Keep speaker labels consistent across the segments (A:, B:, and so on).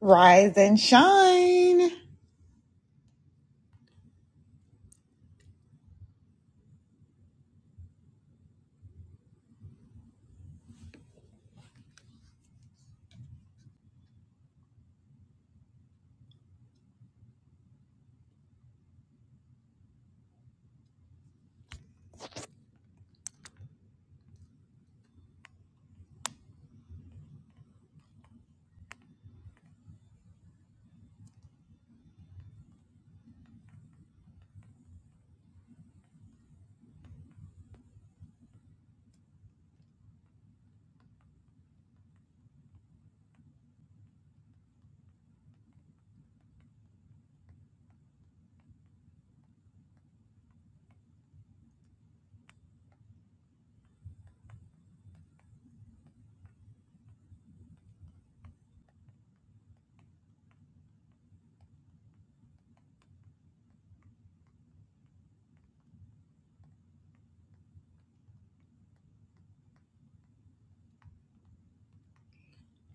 A: Rise and shine.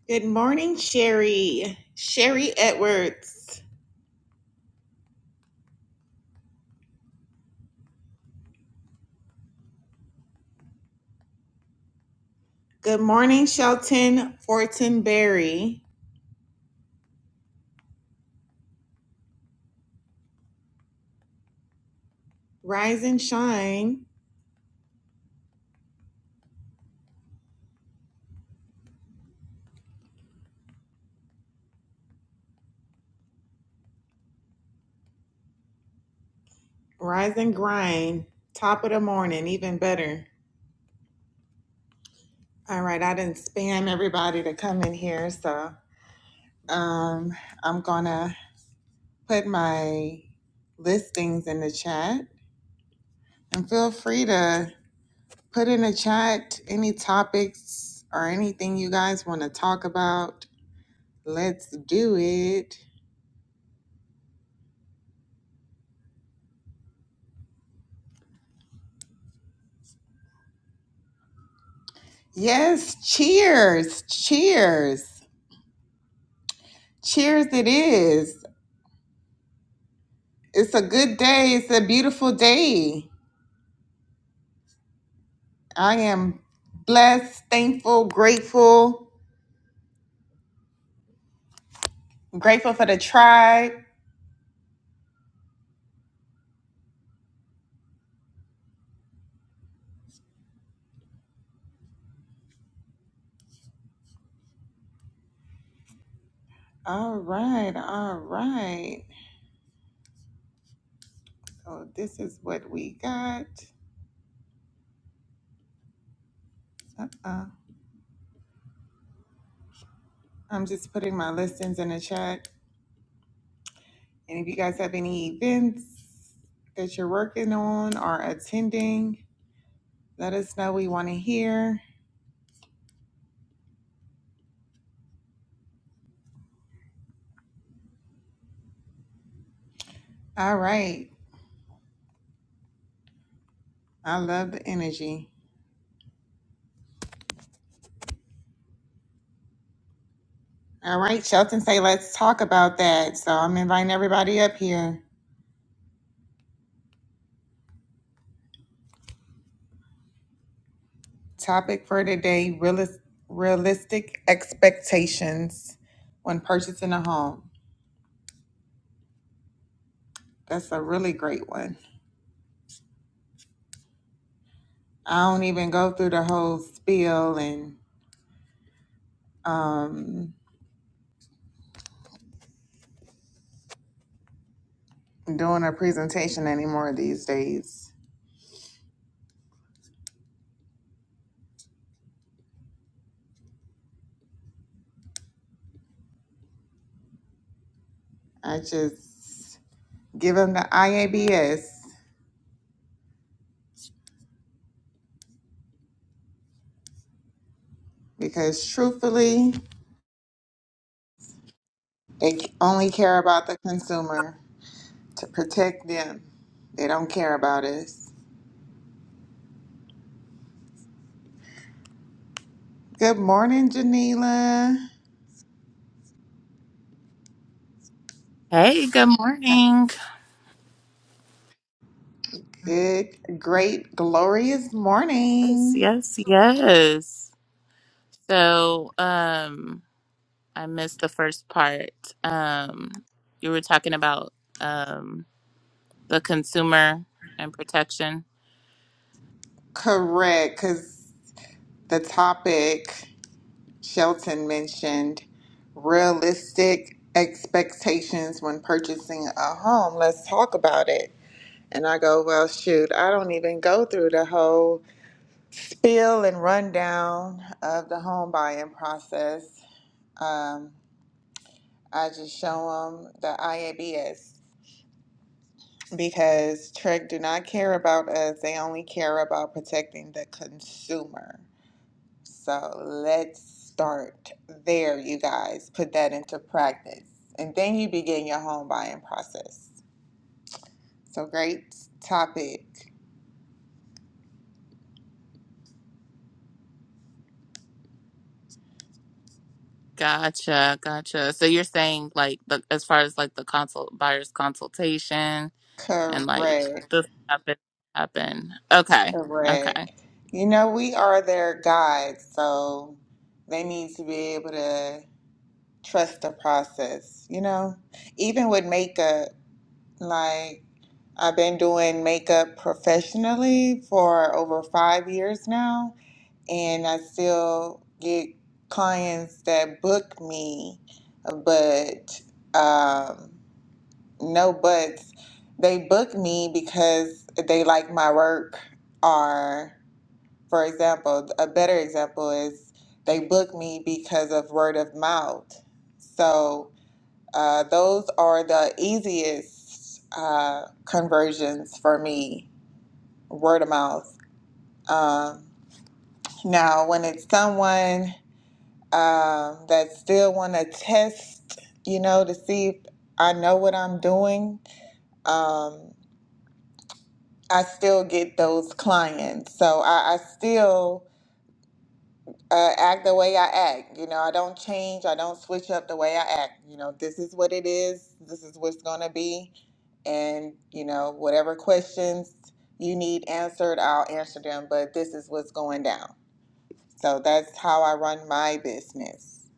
A: Good morning, Sherry. Sherry Edwards. Good morning, Shelton Fortenberry. Rise and shine. Rise and grind. Top of the morning, either. All right, so um, I'm gonna put my listings in it. I'm gonna put out any topics or any talk about. Let's do it. Yes, cheers, cheers. Cheers, it is. It's a good day. It's a beautiful day. I am blessed, thankful, grateful. I'm grateful for the tribe. All right, all right. So, this is what we got. Uh-uh. I'm just putting my listings in the chat. And if you guys have any events that you're working on or attending, let us know. We want to hear. All right. I love the energy. All right, Shelton say let's talk about that. So I'm inviting everybody up here. Topic for today, realis- realistic expectations when purchasing a home. That's a really great one. I don't even go through the whole spiel and um, doing a presentation anymore these days. I just give them the IABS because truthfully, they only care about the consumer to protect them. They don't care about us. Good morning, Janila.
B: Hey, good morning.
A: Good, great, glorious
B: Yes,
A: morning.
B: yes, yes. So, um, I missed the first part. Um, you were talking about um the consumer and protection.
A: Correct, because the topic Shelton mentioned realistic expectations when purchasing a home. Let's talk about it. And I go, well, shoot, I don't even go through the whole spiel and rundown of the home buying process. Um. I just show them the IABS because Trek do not care about us. They only care about protecting the consumer. So let's start there, you guys. Put that into practice. And then you begin your home buying process. So great topic.
B: Gotcha, gotcha. So you're saying like the as far as like the consult buyer's consultation and
A: Correct.
B: like this happen happen. Okay, okay.
A: Correct. You know, we are their guides, so they need to be able to trust the process, you know? even with makeup, Like, I've been doing makeup professionally for over five years now, and I still get clients that book me, but um, no buts. They book me because they like my work, or, for example, a better example is they book me because of word of mouth. So, uh, those are the easiest uh, conversions for me, word of mouth. Um, now, when it's someone um, that still want to test, you know, to see if I know what I'm doing, um, I still get those clients. So I, I still uh, act the way I act. You know, I don't change. I don't switch up the way I act. You know, this is what it is. This is what's going to be. And, you know, whatever questions you need answered, I'll answer them. But this is what's going down. So that's how I run my business.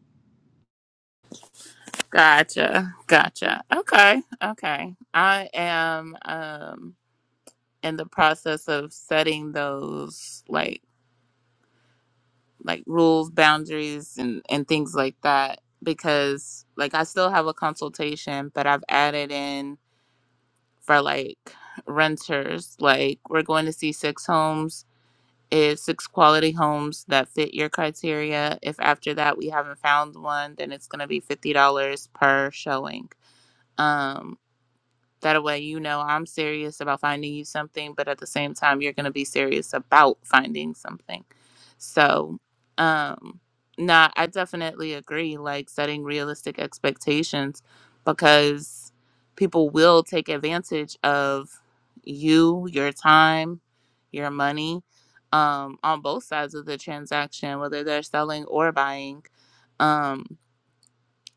B: Gotcha, gotcha. Okay, okay. I am. Um, in the process of setting those like like rules boundaries and and things like that because like i still have a consultation but i've added in for like renters like we're going to see six homes is six quality homes that fit your criteria if after that we haven't found one then it's going to be $50 per showing Um, That way, you know I'm serious about finding you something, but at the same time, you're going to be serious about finding something. So, um, nah, I definitely agree. Like setting realistic expectations because people will take advantage of you, your time, your money um, on both sides of the transaction, whether they're selling or buying. Um,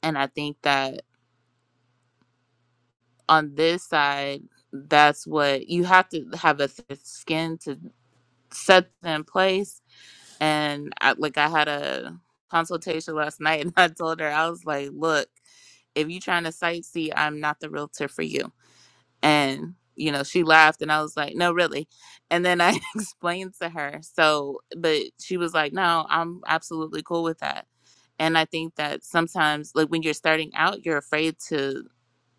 B: and I think that on this side, that's what you have to have a thick skin to set that in place. And I, like I had a consultation last night, and I told her I was like, "Look, if you're trying to sightsee, I'm not the realtor for you." And you know, she laughed, and I was like, "No, really." And then I explained to her. So, but she was like, "No, I'm absolutely cool with that." And I think that sometimes, like when you're starting out, you're afraid to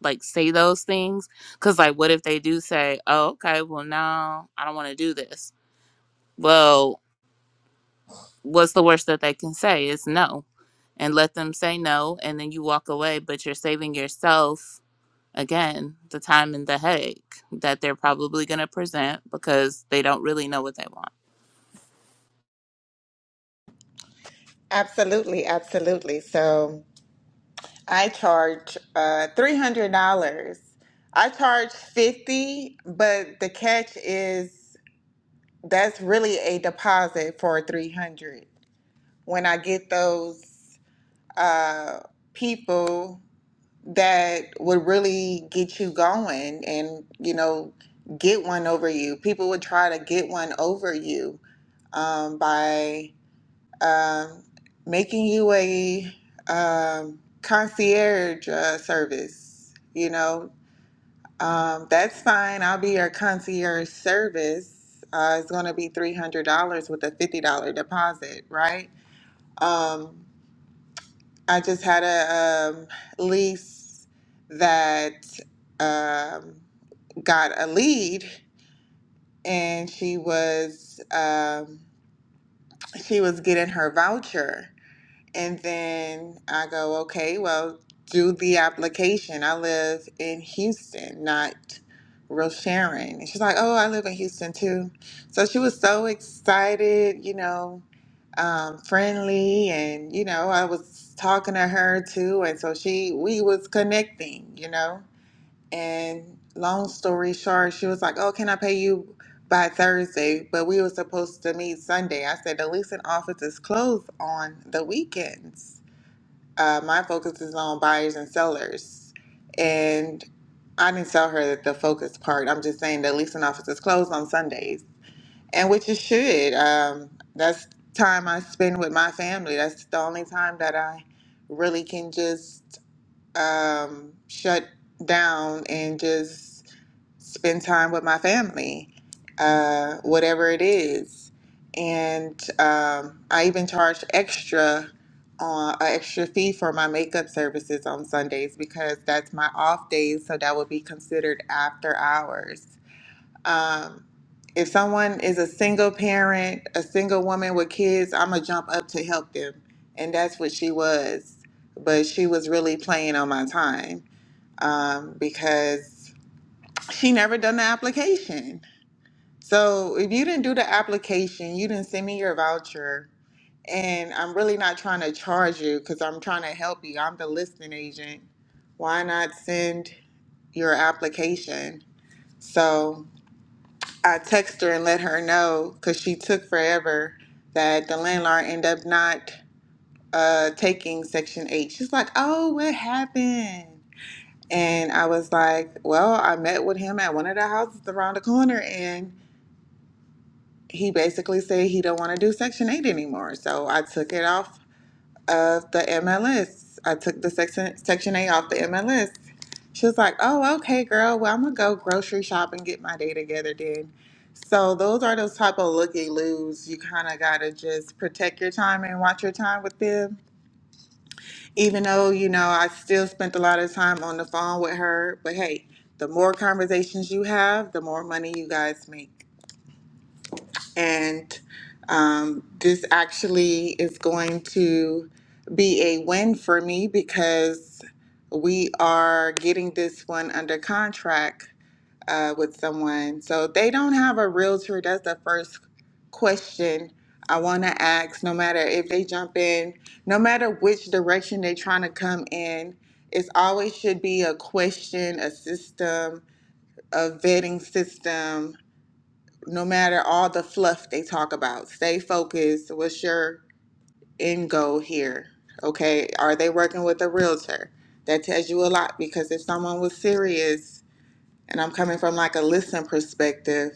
B: like say those things because like what if they do say oh okay well no i don't want to do this well what's the worst that they can say is no and let them say no and then you walk away but you're saving yourself again the time and the headache that they're probably going to present because they don't really know what they want
A: Absolutely. Absolutely. So I charge uh, $300. I charge 50 but the catch is that's really a deposit for 300 when I get those uh, people that would really get you going and, you know, get one over you. People would try to get one over you um, by um, making you a um, concierge uh, service, you know. Um, that's fine. I'll be your concierge service. Uh, it's going to be $300 with a $50 deposit, right? Um, I just had a um, lease that um, got a lead, and she was um, she was getting her voucher, and then I go, okay, well, do the application. I live in Houston, not Sharon. And she's like, oh, I live in Houston too. So she was so excited, you know, um, friendly, and you know, I was talking to her too, and so she, we was connecting, you know. And long story short, she was like, "Oh, can I pay you by Thursday?" But we were supposed to meet Sunday. I said, "The leasing office is closed on the weekends. Uh, my focus is on buyers and sellers." And I didn't tell her that the focus part. I'm just saying the leasing office is closed on Sundays, and which it should. Um, that's time I spend with my family. That's the only time that I really can just um, shut down and just spend time with my family, uh, whatever it is. And um, I even charge extra on an extra fee for my makeup services on Sundays because that's my off days, so that would be considered after hours. Um, if someone is a single parent, a single woman with kids, I'm gonna jump up to help them, and that's what she was. But she was really playing on my time um, because she never done the application. So if you didn't do the application, you didn't send me your voucher, and I'm really not trying to charge you because I'm trying to help you. I'm the listing agent. Why not send your application? So I text her and let her know because she took forever that the landlord ended up not uh, taking Section 8. She's like, oh, what happened? And I was like, well, I met with him at one of the houses around the corner and he basically said he don't want to do Section 8 anymore. So I took it off of the MLS. I took the Section Section 8 off the MLS. She was like, "Oh, okay, girl. Well, I'm gonna go grocery shop and get my day together then." So those are those type of looky loos. You kind of gotta just protect your time and watch your time with them. Even though you know I still spent a lot of time on the phone with her, but hey, the more conversations you have, the more money you guys make. And um, this actually is going to be a win for me because we are getting this one under contract uh, with someone. So they don't have a realtor. That's the first question I want to ask. No matter if they jump in, no matter which direction they're trying to come in, it's always should be a question, a system, a vetting system no matter all the fluff they talk about, stay focused. What's your end goal here? Okay, are they working with a realtor? That tells you a lot because if someone was serious, and I'm coming from like a listen perspective,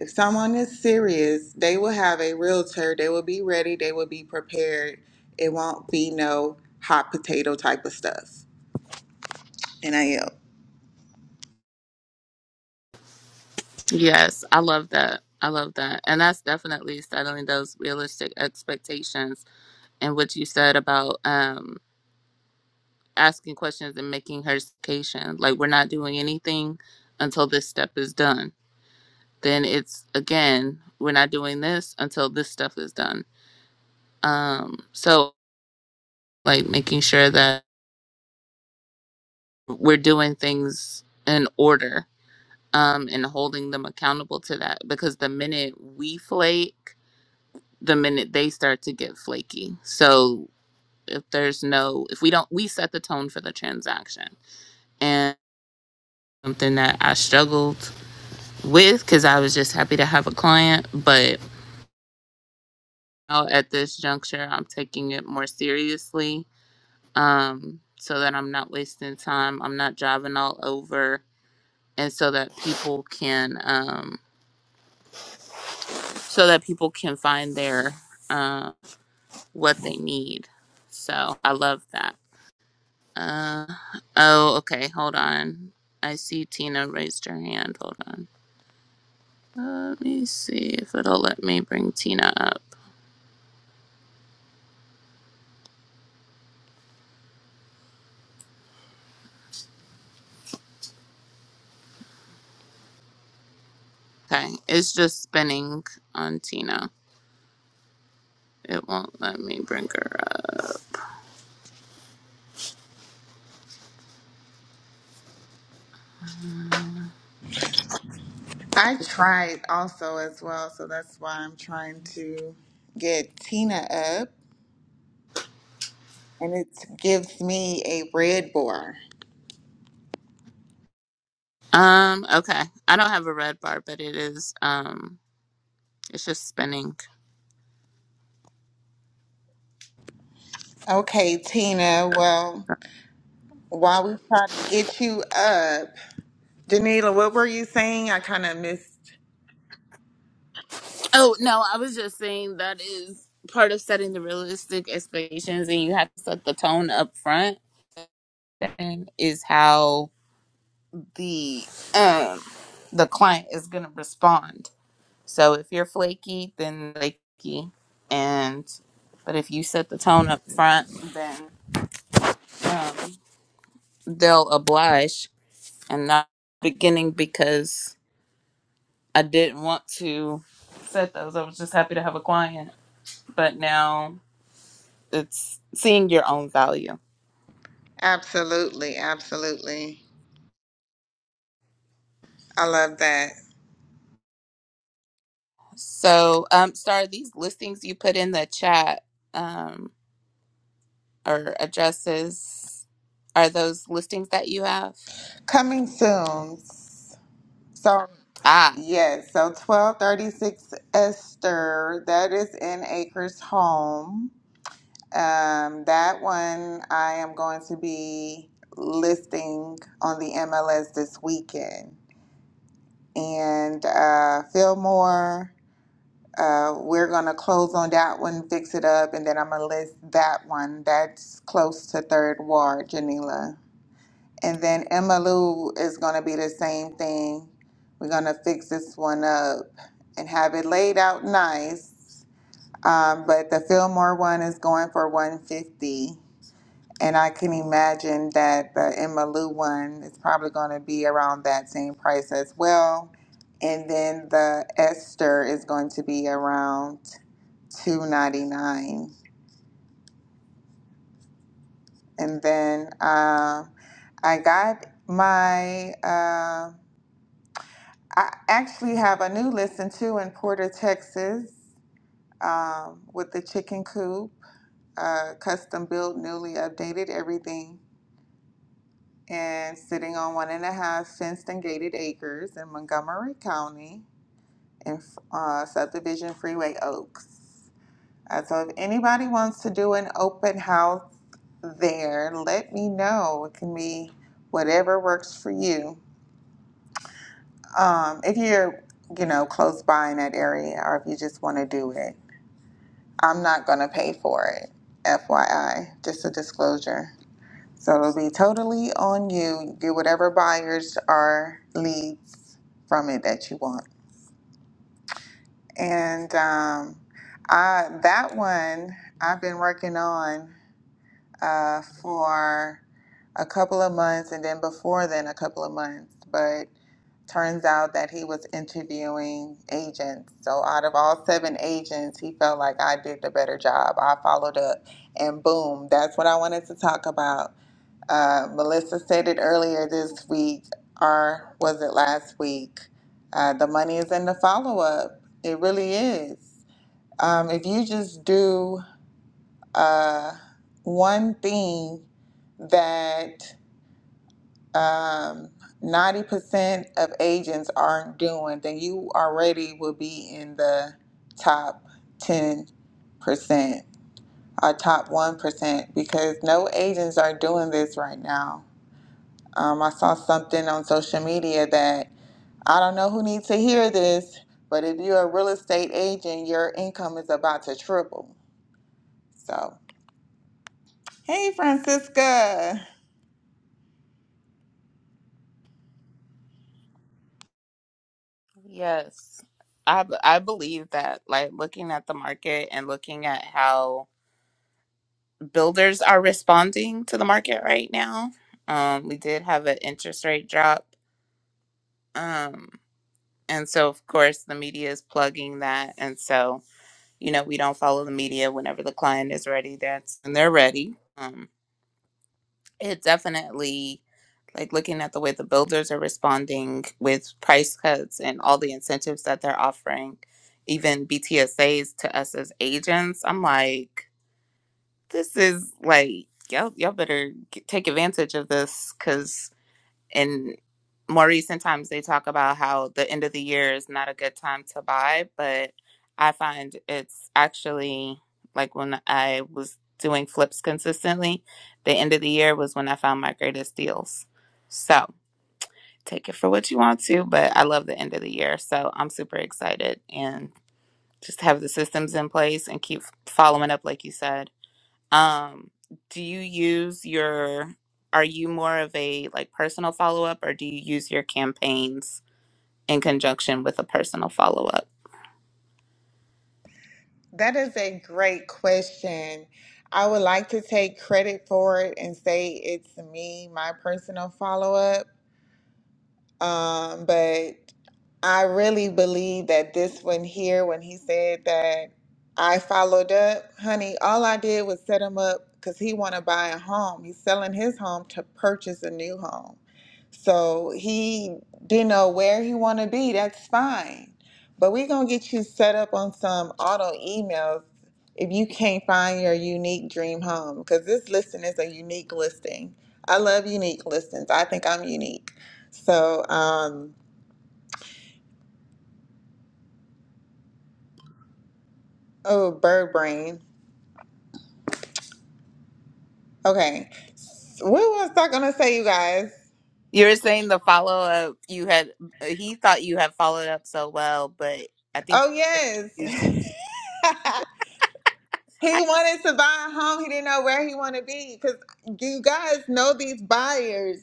A: if someone is serious, they will have a realtor, they will be ready, they will be prepared. It won't be no hot potato type of stuff. And I am.
B: yes i love that i love that and that's definitely settling those realistic expectations and what you said about um. asking questions and making her citation. Like we're not doing anything until this step is done. Then it's again, we're not doing this until this stuff is done. Um, so like making sure that we're doing things in order um, and holding them accountable to that because the minute we flake, the minute they start to get flaky. So if there's no, if we don't, we set the tone for the transaction and something that I struggled with because I was just happy to have a client. But now at this juncture, I'm taking it more seriously um, so that I'm not wasting time. I'm not driving all over, and so that people can um, so that people can find their uh, what they need. So I love that. Uh, oh, okay. Hold on. I see Tina raised her hand. Hold on. Let me see if it'll let me bring Tina up. Okay, it's just spinning on Tina. It won't let me bring her up.
A: I tried also as well, so that's why I'm trying to get Tina up. and it gives me a red bar.
B: Um, okay. I don't have a red bar, but it is um it's just spinning.
A: Okay, Tina, well, while we try to get you up, Danila, what were you saying? I kind of missed.
B: Oh no, I was just saying that is part of setting the realistic expectations and you have to set the tone up front and is how the um the client is gonna respond. So if you're flaky, then flaky and but if you set the tone up front then um they'll oblige and not beginning because I didn't want to set those. I was just happy to have a client. But now it's seeing your own value.
A: Absolutely, absolutely. I love that.
B: So um Star, these listings you put in the chat um or addresses are those listings that you have?
A: Coming soon. So,
B: Ah,
A: yes, so 1236 Esther, that is in Acres Home. Um, that one I am going to be listing on the MLS this weekend. and uh, Fillmore. Uh, we're gonna close on that one, fix it up, and then I'm gonna list that one. That's close to Third Ward, Janila. And then Emma Lou is gonna be the same thing. We're gonna fix this one up and have it laid out nice. Um, but the Fillmore one is going for 150. And I can imagine that the Emmylou one is probably going to be around that same price as well. And then the Esther is going to be around two ninety nine. And then uh, I got my. Uh, I actually have a new listing too in Porter, Texas, um, with the chicken coop, uh, custom built, newly updated, everything and sitting on one and a half fenced and gated acres in Montgomery County in uh, subdivision Freeway Oaks. Uh, so if anybody wants to do an open house there, let me know. It can be whatever works for you. Um, if you're, you know, close by in that area or if you just want to do it, I'm not going to pay for it. FYI, just a disclosure. So it'll be totally on you. Get whatever buyers or leads from it that you want. And um, I, that one I've been working on uh, for a couple of months and then before then a couple of months. But turns out that he was interviewing agents. So out of all seven agents, he felt like I did the better job. I followed up and boom, that's what I wanted to talk about uh, Melissa said it earlier this week, or was it last week? Uh, the money is in the follow up. It really is. Um, if you just do uh, one thing that um, 90% of agents aren't doing, then you already will be in the top 10% or top 1% because no agents are doing this right now Um, I saw something on social media that I don't know who needs to hear this, but if you're a real estate agent, your income is about to triple. So, hey, Francisca,
B: yes. I, b- I believe that like looking at the market and looking at how builders are responding to the market right now. Um, we did have an interest rate drop. Um, and so, of course, the media is plugging that. And so, you know, we don't follow the media whenever the client is ready. That's when they're ready. Um, it definitely, like looking at the way the builders are responding with price cuts and all the incentives that they're offering, even BTSAs to us as agents, I'm like, this is like y'all y'all better get, take advantage of this because in more recent times they talk about how the end of the year is not a good time to buy, but I find it's actually like when I was doing flips consistently, the end of the year was when I found my greatest deals. So take it for what you want to, but I love the end of the year, so I'm super excited and just have the systems in place and keep following up like you said um, do you use your, are you more of a like personal follow up or do you use your campaigns in conjunction with a personal follow up?
A: that is a great question. I would like to take credit for it and say it's me, my personal follow up. Um, but I really believe that this one here, when he said that I followed up, honey, all I did was set him up because he want to buy a home. He's selling his home to purchase a new home. So he didn't know where he want to be. That's fine. But we going to get you set up on some auto emails if you can't find your unique dream home because this listing is a unique listing. I love unique listings. I think I'm unique. So, um, Oh, bird brain. Okay. What was I gonna say, you guys?
B: You were saying the follow up you had, he thought you had followed up so well, but I think
A: Oh
B: you
A: yes.
B: used,
A: he wanted to buy a home. He didn't know where he wanted to be. Cause you guys know these buyers.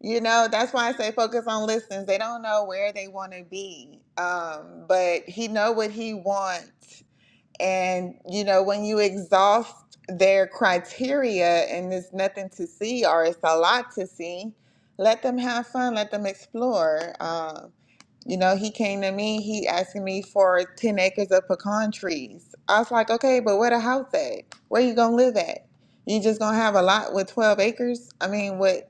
A: You know, that's why I say focus on listings. They don't know where they want to be. Um, but he know what he wants And, you know, when you exhaust their criteria and there's nothing to see or it's a lot to see, let them have fun, let them explore. Um, you know, he came to me, he asking me for 10 acres of pecan trees. I was like, okay, but where the house at? Where you gonna live at? You just gonna have a lot with 12 acres? I mean, with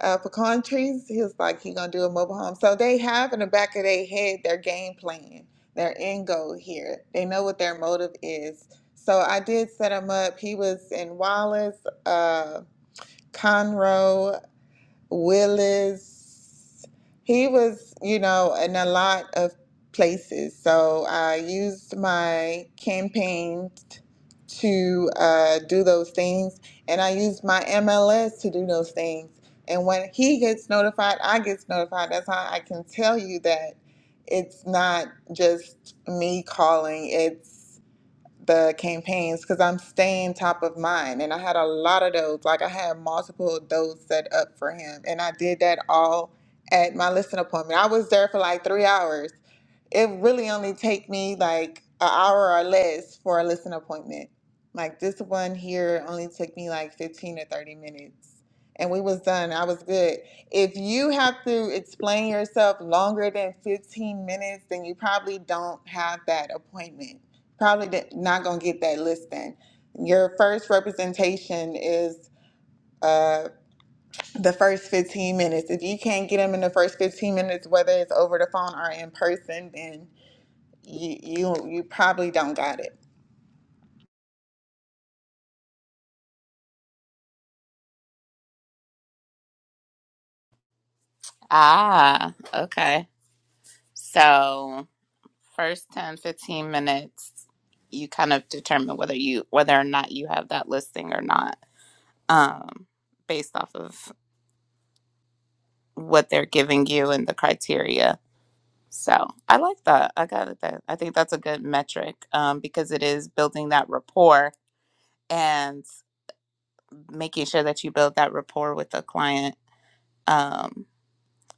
A: uh, pecan trees? He was like, he gonna do a mobile home. So they have in the back of their head their game plan, their end goal here. They know what their motive is. So I did set him up. He was in Wallace, uh, Conroe. Willis. He was, you know, in a lot of places. So I used my campaign to uh, do those things, and I used my MLS to do those things. And when he gets notified, I gets notified. That's how I can tell you that it's not just me calling. It's the campaigns because I'm staying top of mind. And I had a lot of those. Like I had multiple of those set up for him. And I did that all at my listening appointment. I was there for like three hours it really only take me like an hour or less for a listen appointment. Like this one here only took me like 15 or 30 minutes and we was done. I was good. If you have to explain yourself longer than 15 minutes, then you probably don't have that appointment. Probably di- not going to get that listing. Your first representation is uh, the first 15 minutes. If you can't get them in the first 15 minutes, whether it's over the phone or in person, then you you you probably don't got it.
B: ah, okay. So first 10 15 minutes, you kind of determine whether you, whether or not you have that listing or not, um, based off of what they're giving you and the criteria So I like that. I got it. that. I think that's a good metric um, because it is building that rapport and making sure that you build that rapport with the client um,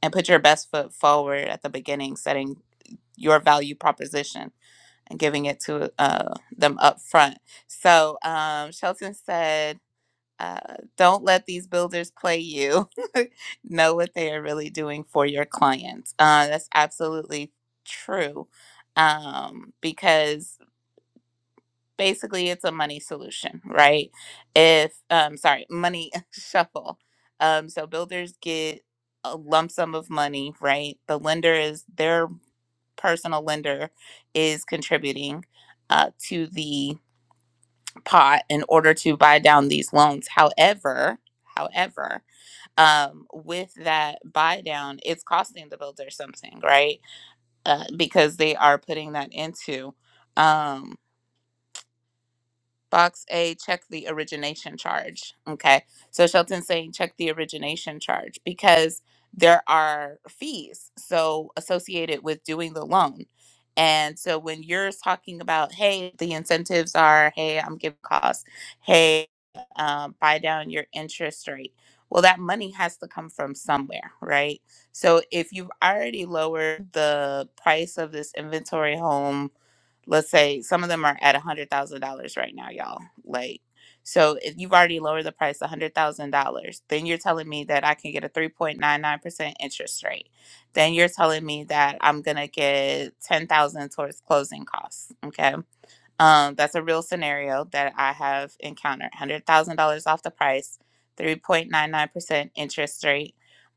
B: and put your best foot forward at the beginning, setting your value proposition and giving it to uh, them up front. So um, Shelton said, uh, don't let these builders play you. know what they are really doing for your clients. Uh, that's absolutely true um, because basically it's a money solution, right? If, um, sorry, money shuffle. Um, so builders get a lump sum of money, right? The lender is their personal lender is contributing uh, to the pot in order to buy down these loans. However, however, um, with that buy down, it's costing the builder something, right? Uh, because they are putting that into. Um, Box A, check the origination charge. Okay. So Shelton's saying check the origination charge because there are fees so associated with doing the loan. And so when you're talking about, hey, the incentives are, hey, I'm giving costs, hey, um, buy down your interest rate. Well, that money has to come from somewhere, right? So if you've already lowered the price of this inventory home let's say some of them are at a hundred thousand dollars right now, y'all. Like, so if you've already lowered the price a hundred thousand dollars, then you're telling me that I can get a three point nine nine percent interest rate. Then you're telling me that I'm gonna get ten thousand towards closing costs. Okay, um, that's a real scenario that I have encountered. Hundred thousand dollars off the price, three point nine nine percent interest rate.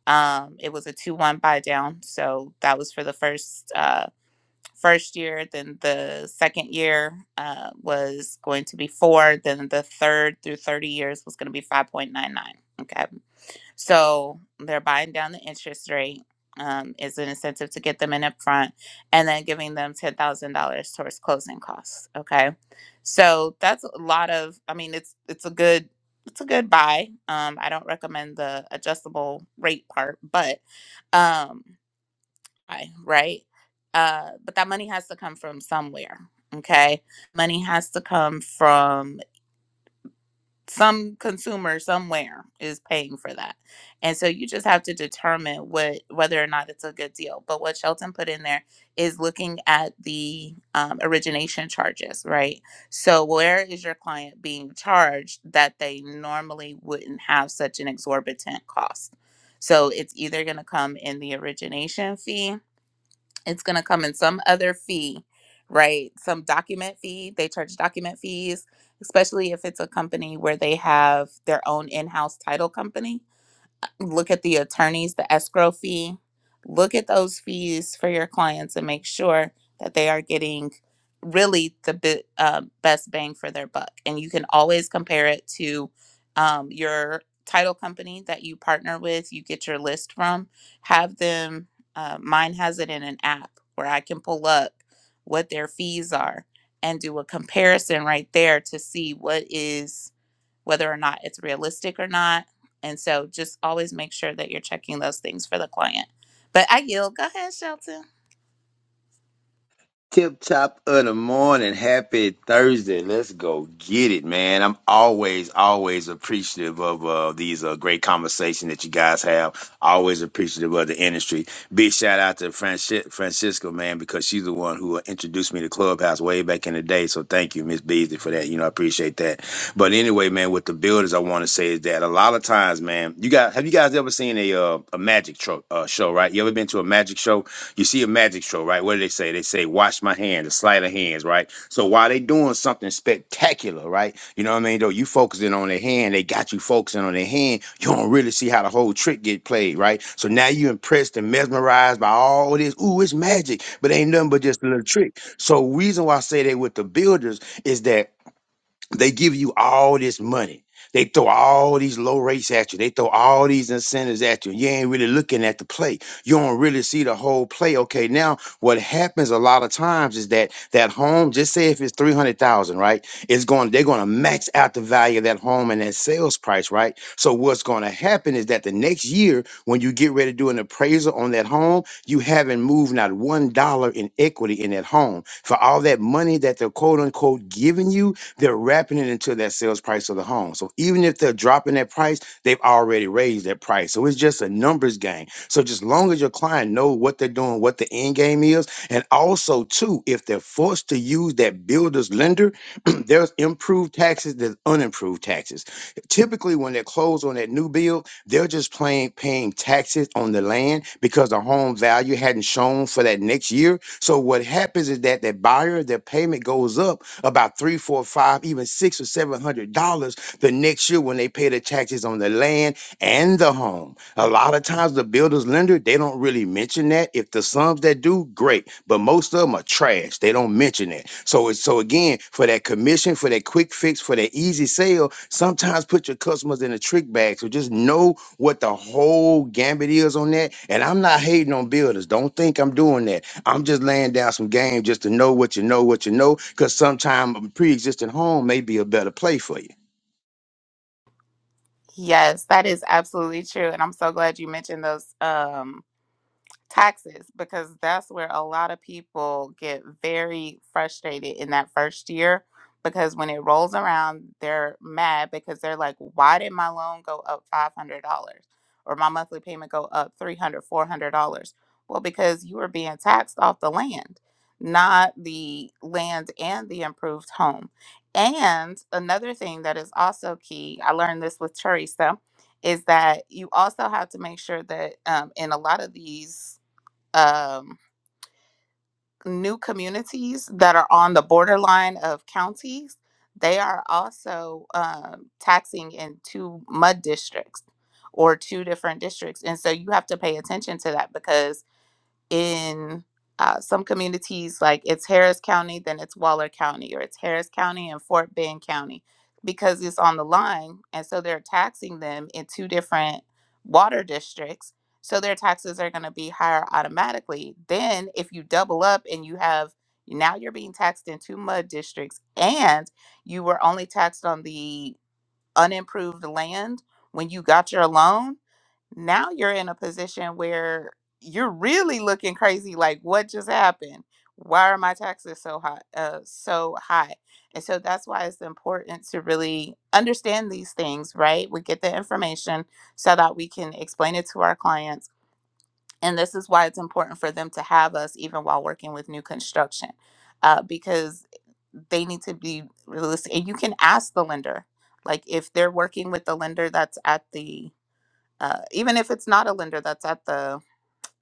B: Um, it was a two one buy down, so that was for the first. uh first year, then the second year uh, was going to be four, then the third through 30 years was going to be 5.99. Okay. So they're buying down the interest rate um, is an incentive to get them in up front and then giving them $10,000 towards closing costs. Okay. So that's a lot of, I mean, it's, it's a good, it's a good buy. Um, I don't recommend the adjustable rate part, but, um, I, right? Uh, but that money has to come from somewhere. Okay. Money has to come from some consumer somewhere is paying for that. And so you just have to determine what whether or not it's a good deal. But what Shelton put in there is looking at the um, origination charges, right? So where is your client being charged that they normally wouldn't have such an exorbitant cost? So it's either going to come in the origination fee it's going to come in some other fee, right? Some document fee. They charge document fees, especially if it's a company where they have their own in house title company look at the attorneys, the escrow fee, look at those fees for your clients and make sure that they are getting really the bi- uh, best bang for their buck. And you can always compare it to um, your title company that you partner with, you get your list from, have them, uh, mine has it in an app where I can pull up what their fees are and do a comparison right there to see what is whether or not it's realistic or not. And so just always make sure that you're checking those things for the client. But I yield. Go ahead, Shelton.
C: Tip top of the morning. Happy Thursday. Let's go get it, man. I'm always, always appreciative of uh, these uh, great conversations that you guys have. Always appreciative of the industry. Big shout out to Franci- Francisco, man, because she's the one who uh, introduced me to Clubhouse way back in the day. So thank you, Miss Beasley, for that. You know, I appreciate that. But anyway, man, with the builders, I want to say is that a lot of times, man, you guys, have you guys ever seen a uh, a magic tro- uh, show, right? You ever been to a magic show? You see a magic show, right? What do they say? They say, wash my hands, a sleight of hands, right? So while they doing something spectacular, right? You know what I mean? Though you focusing on their hand, they got you focusing on their hand. You don't really see how the whole trick get played, right? So now you impressed and mesmerized by all this. Ooh, it's magic, but ain't nothing but just a little trick. So reason why I say that with the builders is that they give you all this money. They throw all these low rates at you. They throw all these incentives at you. You ain't really looking at the play. You don't really see the whole play. Okay, now what happens a lot of times is that that home, just say if it's three hundred thousand, right? It's going. They're going to max out the value of that home and that sales price, right? So what's going to happen is that the next year, when you get ready to do an appraisal on that home, you haven't moved not one dollar in equity in that home for all that money that they're quote unquote giving you they're wrapping it into that sales price of the home. So even if they're dropping that price, they've already raised that price. So it's just a numbers game. So just long as your client know what they're doing, what the end game is, and also too, if they're forced to use that builder's lender, there's improved taxes, there's unimproved taxes. Typically, when they close on that new bill, they're just playing paying taxes on the land because the home value hadn't shown for that next year. So what happens is that that buyer, their payment goes up about three, four, five, even six or seven hundred dollars the next year when they pay the taxes on the land and the home. A lot of times the builder's lender, they don't really mention that. If the sums that do, great. But most of them are trash. They don't mention that. So it's so again, for that commission, for that quick fix, for that easy sale, sometimes put your customers in a trick bag. So just know what the whole gambit is on that. And I'm not hating on builders. Don't think I'm doing that. I'm just laying down some game just to know what you know, what you know, because sometimes a pre existing home may be a better play for you.
B: Yes, that is absolutely true. And I'm so glad you mentioned those um, taxes because that's where a lot of people get very frustrated in that first year because when it rolls around they're mad because they're like why did my loan go up $500 or my monthly payment go up three hundred, four hundred dollars dollars well because you were being taxed off the land not the land and the improved home and another thing that is also key i learned this with teresa is that you also have to make sure that um, in a lot of these um, new communities that are on the borderline of counties, they are also um, taxing in two mud districts or two different districts. And so you have to pay attention to that because in uh, some communities, like it's Harris County, then it's Waller County, or it's Harris County and Fort Bend County, because it's on the line. And so they're taxing them in two different water districts. So their taxes are going to be higher automatically. Then, if you double up and you have now you're being taxed in two mud districts, and you were only taxed on the unimproved land when you got your loan now you're in a position where you're really looking crazy like what just happened why are my taxes so high uh, so high and so that's why it's important to really understand these things right we get the information so that we can explain it to our clients and this is why it's important for them to have us even while working with new construction uh, because they need to be realistic and you can ask the lender like if they're working with the lender that's at the uh, even if it's not a lender that's at the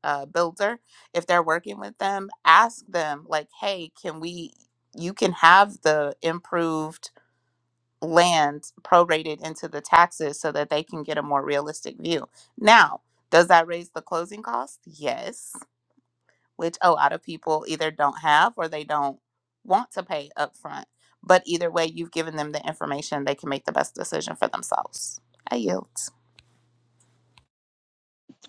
B: uh, builder, if they're working with them, ask them like, "Hey, can we? You can have the improved land prorated into the taxes so that they can get a more realistic view." Now, does that raise the closing cost? Yes, which a lot of people either don't have or they don't want to pay upfront. But either way, you've given them the information; they can make the best decision for themselves. I yield.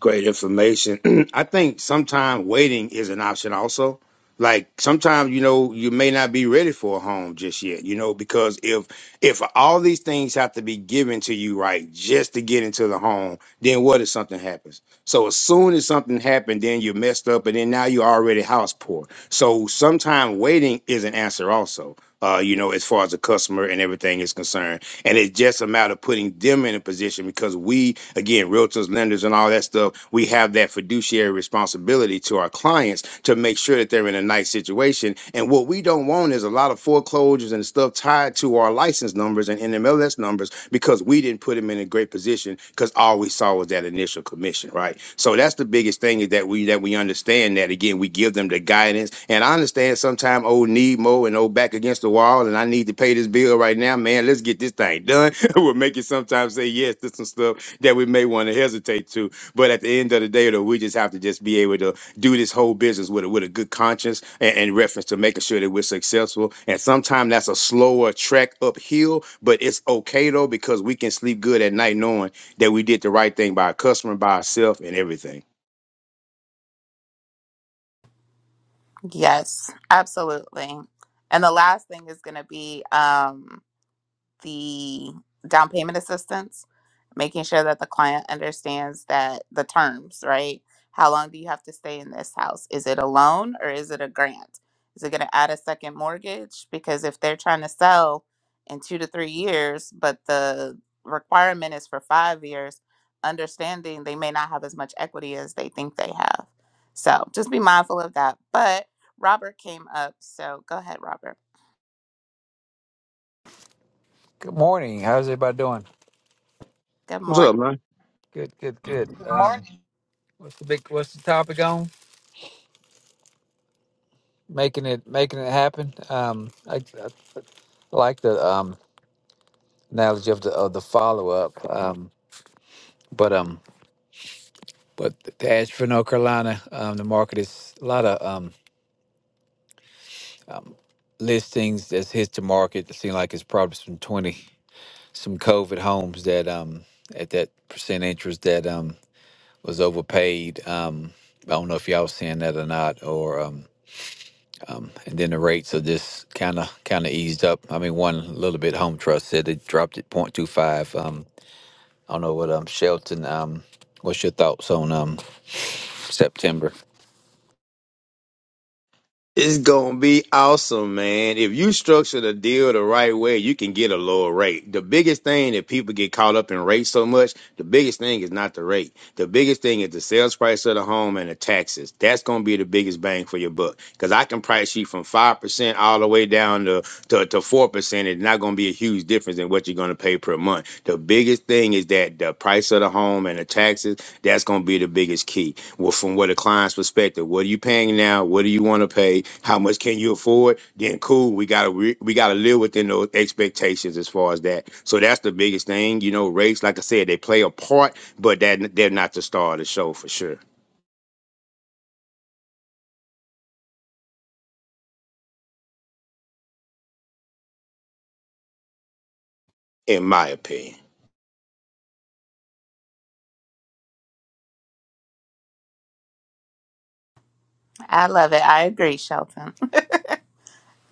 C: Great information. I think sometimes waiting is an option also. Like sometimes you know you may not be ready for a home just yet, you know, because if if all these things have to be given to you right just to get into the home, then what if something happens? So as soon as something happened, then you're messed up, and then now you're already house poor. So sometimes waiting is an answer also, uh, you know, as far as the customer and everything is concerned. And it's just a matter of putting them in a position because we, again, realtors, lenders, and all that stuff, we have that fiduciary responsibility to our clients to make sure that they're in a nice situation. And what we don't want is a lot of foreclosures and stuff tied to our license numbers and NMLS numbers because we didn't didn't put him in a great position because all we saw was that initial commission, right? So that's the biggest thing is that we that we understand that again we give them the guidance, and I understand sometimes old need more and old back against the wall, and I need to pay this bill right now, man. Let's get this thing done. we'll make it sometimes say yes to some stuff that we may want to hesitate to, but at the end of the day, though, we just have to just be able to do this whole business with a, with a good conscience and, and reference to making sure that we're successful. And sometimes that's a slower trek uphill, but it's okay though because we can sleep good at night knowing that we did the right thing by our customer, by ourselves, and everything.
B: Yes, absolutely. And the last thing is going to be um, the down payment assistance, making sure that the client understands that the terms, right? How long do you have to stay in this house? Is it a loan or is it a grant? Is it going to add a second mortgage? Because if they're trying to sell in two to three years, but the requirement is for five years, understanding they may not have as much equity as they think they have. So just be mindful of that. But Robert came up. So go ahead, Robert.
D: Good morning. How's everybody doing?
B: Good
C: What's
B: morning.
C: up, man?
D: Good, good, good. Um, what's the big? What's the topic on? Making it, making it happen. Um, I, I like the um analogy of the of the follow up. Um, but um, but to Asheville, North Carolina, um, the market is a lot of um listings that's hit to market. It seems like it's probably some twenty some COVID homes that um at that percent interest that um was overpaid. Um, I don't know if y'all seeing that or not, or um Um, and then the rates are just kind of kind of eased up. I mean, one little bit. Home Trust said they dropped it 0.25. Um, I don't know what um Shelton. Um, what's your thoughts on um September?
C: It's gonna be awesome, man. If you structure the deal the right way, you can get a lower rate. The biggest thing that people get caught up in rate so much, the biggest thing is not the rate. The biggest thing is the sales price of the home and the taxes. That's gonna be the biggest bang for your buck. Cause I can price you from five percent all the way down to to, to 4%, it's not going to be a huge difference in what you're going to pay per month. The biggest thing is that the price of the home and the taxes, that's going to be the biggest key. Well, from what a client's perspective, what are you paying now? What do you want to pay? How much can you afford? Then cool, we got to re- we got to live within those expectations as far as that. So that's the biggest thing. You know, rates, like I said, they play a part, but that they're not the star of the show for sure, in my opinion.
B: I love it. I agree, Shelton.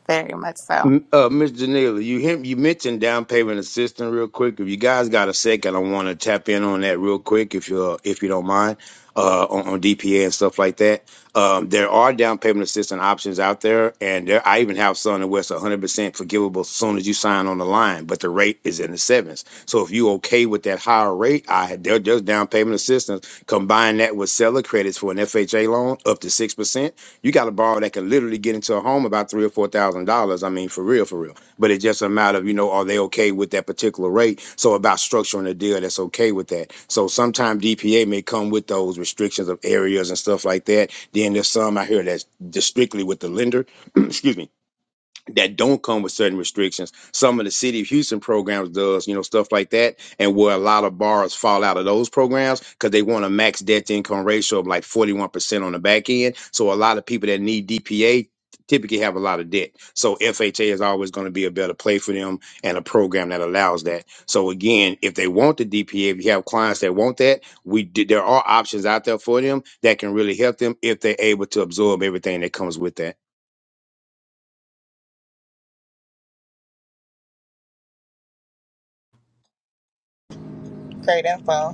B: Very much so.
C: M- Uh, Ms. Janela, you him you mentioned down payment assistance real quick. If you guys got a second, I want to tap in on that real quick, if you uh, if you don't mind, uh, on, on DPA and stuff like that. Um, there are down payment assistance options out there, and there I even have some where it's 100 percent forgivable as soon as you sign on the line, but the rate is in the sevens. So if you okay with that higher rate, I there, there's down payment assistance. Combine that with seller credits for an FHA loan up to six percent you got a borrower that can literally get into a home about three or four thousand dollars. I mean, for real, for real. But it's just a matter of you know, are they okay with that particular rate? So about structuring a deal that's okay with that. So sometimes DPA may come with those restrictions of areas and stuff like that. Then there's some I hear that's just strictly with the lender. excuse me that don't come with certain restrictions. Some of the city of Houston programs does, you know, stuff like that, and where a lot of bars fall out of those programs because they want a max debt to income ratio of like forty one percent on the back end. So a lot of people that need DPA typically have a lot of debt. So FHA is always going to be a better play for them and a program that allows that. So again, if they want the DPA, if you have clients that want that, we d- there are options out there for them that can really help them if they're able to absorb everything that comes with that.
A: Great info.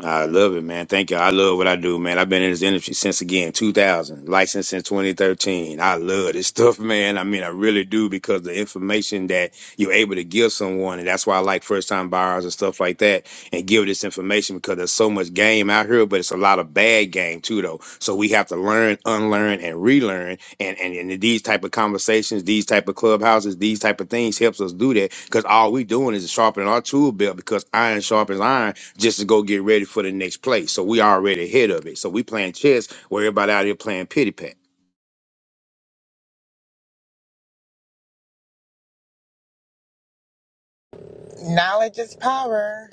C: I love it, man. Thank you. I love what I do, man. I've been in this industry since again 2000, licensed since 2013. I love this stuff, man. I mean, I really do because the information that you're able to give someone, and that's why I like first time buyers and stuff like that, and give this information because there's so much game out here, but it's a lot of bad game too, though. So we have to learn, unlearn, and relearn. And and, and these type of conversations, these type of clubhouses, these type of things helps us do that because all we doing is sharpening our tool belt because iron sharpens iron just to go get ready for the next play. So we already ahead of it. So we playing chess where everybody out here playing pity pat.
A: Knowledge is power.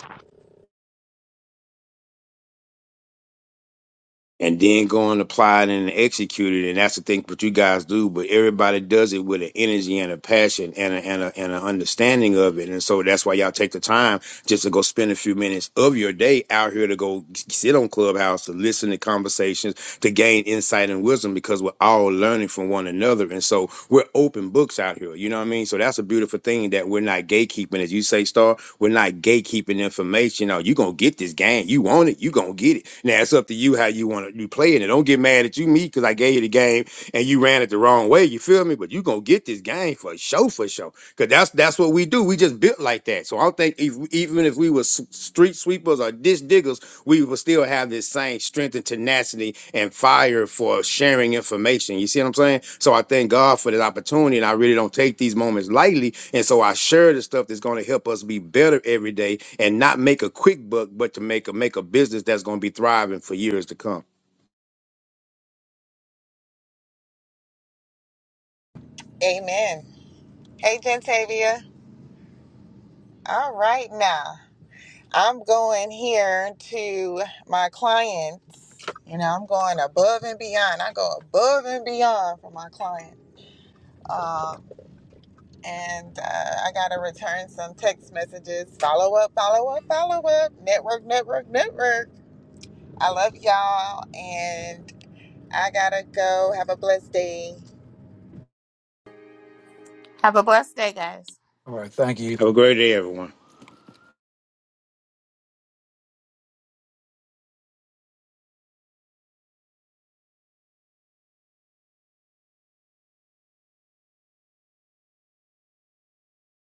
C: and then go and apply it and execute it. And that's the thing what you guys do. But everybody does it with an energy and a passion and a, and a, and an understanding of it. And so that's why y'all take the time just to go spend a few minutes of your day out here to go sit on Clubhouse to listen to conversations to gain insight and wisdom because we're all learning from one another. And so we're open books out here. You know what I mean? So that's a beautiful thing that we're not gatekeeping, as you say, Star we're not gatekeeping information. Oh, you gonna get this game. You want it, you gonna get it. Now it's up to you how you want to you play it. And don't get mad at you, me, because I gave you the game and you ran it the wrong way. You feel me? But you gonna get this game for show for show. Cause that's that's what we do. We just built like that. So I don't think if, even if we were s- street sweepers or ditch diggers, we will still have this same strength and tenacity and fire for sharing information. You see what I'm saying? So I thank God for that opportunity, and I really don't take these moments lightly. And so I share the stuff that's going to help us be better every day, and not make a quick buck, but to make a make a business that's going to be thriving for years to come.
A: Amen. Hey, Gentavia. All right, now I'm going here to my clients. You know, I'm going above and beyond. I go above and beyond for my client. Um, and uh, I got to return some text messages. Follow up, follow up, follow up. Network, network, network. I love y'all. And I got to go. Have a blessed day.
B: Have a blessed day, guys.
D: All right, thank you.
C: Have a great day, everyone.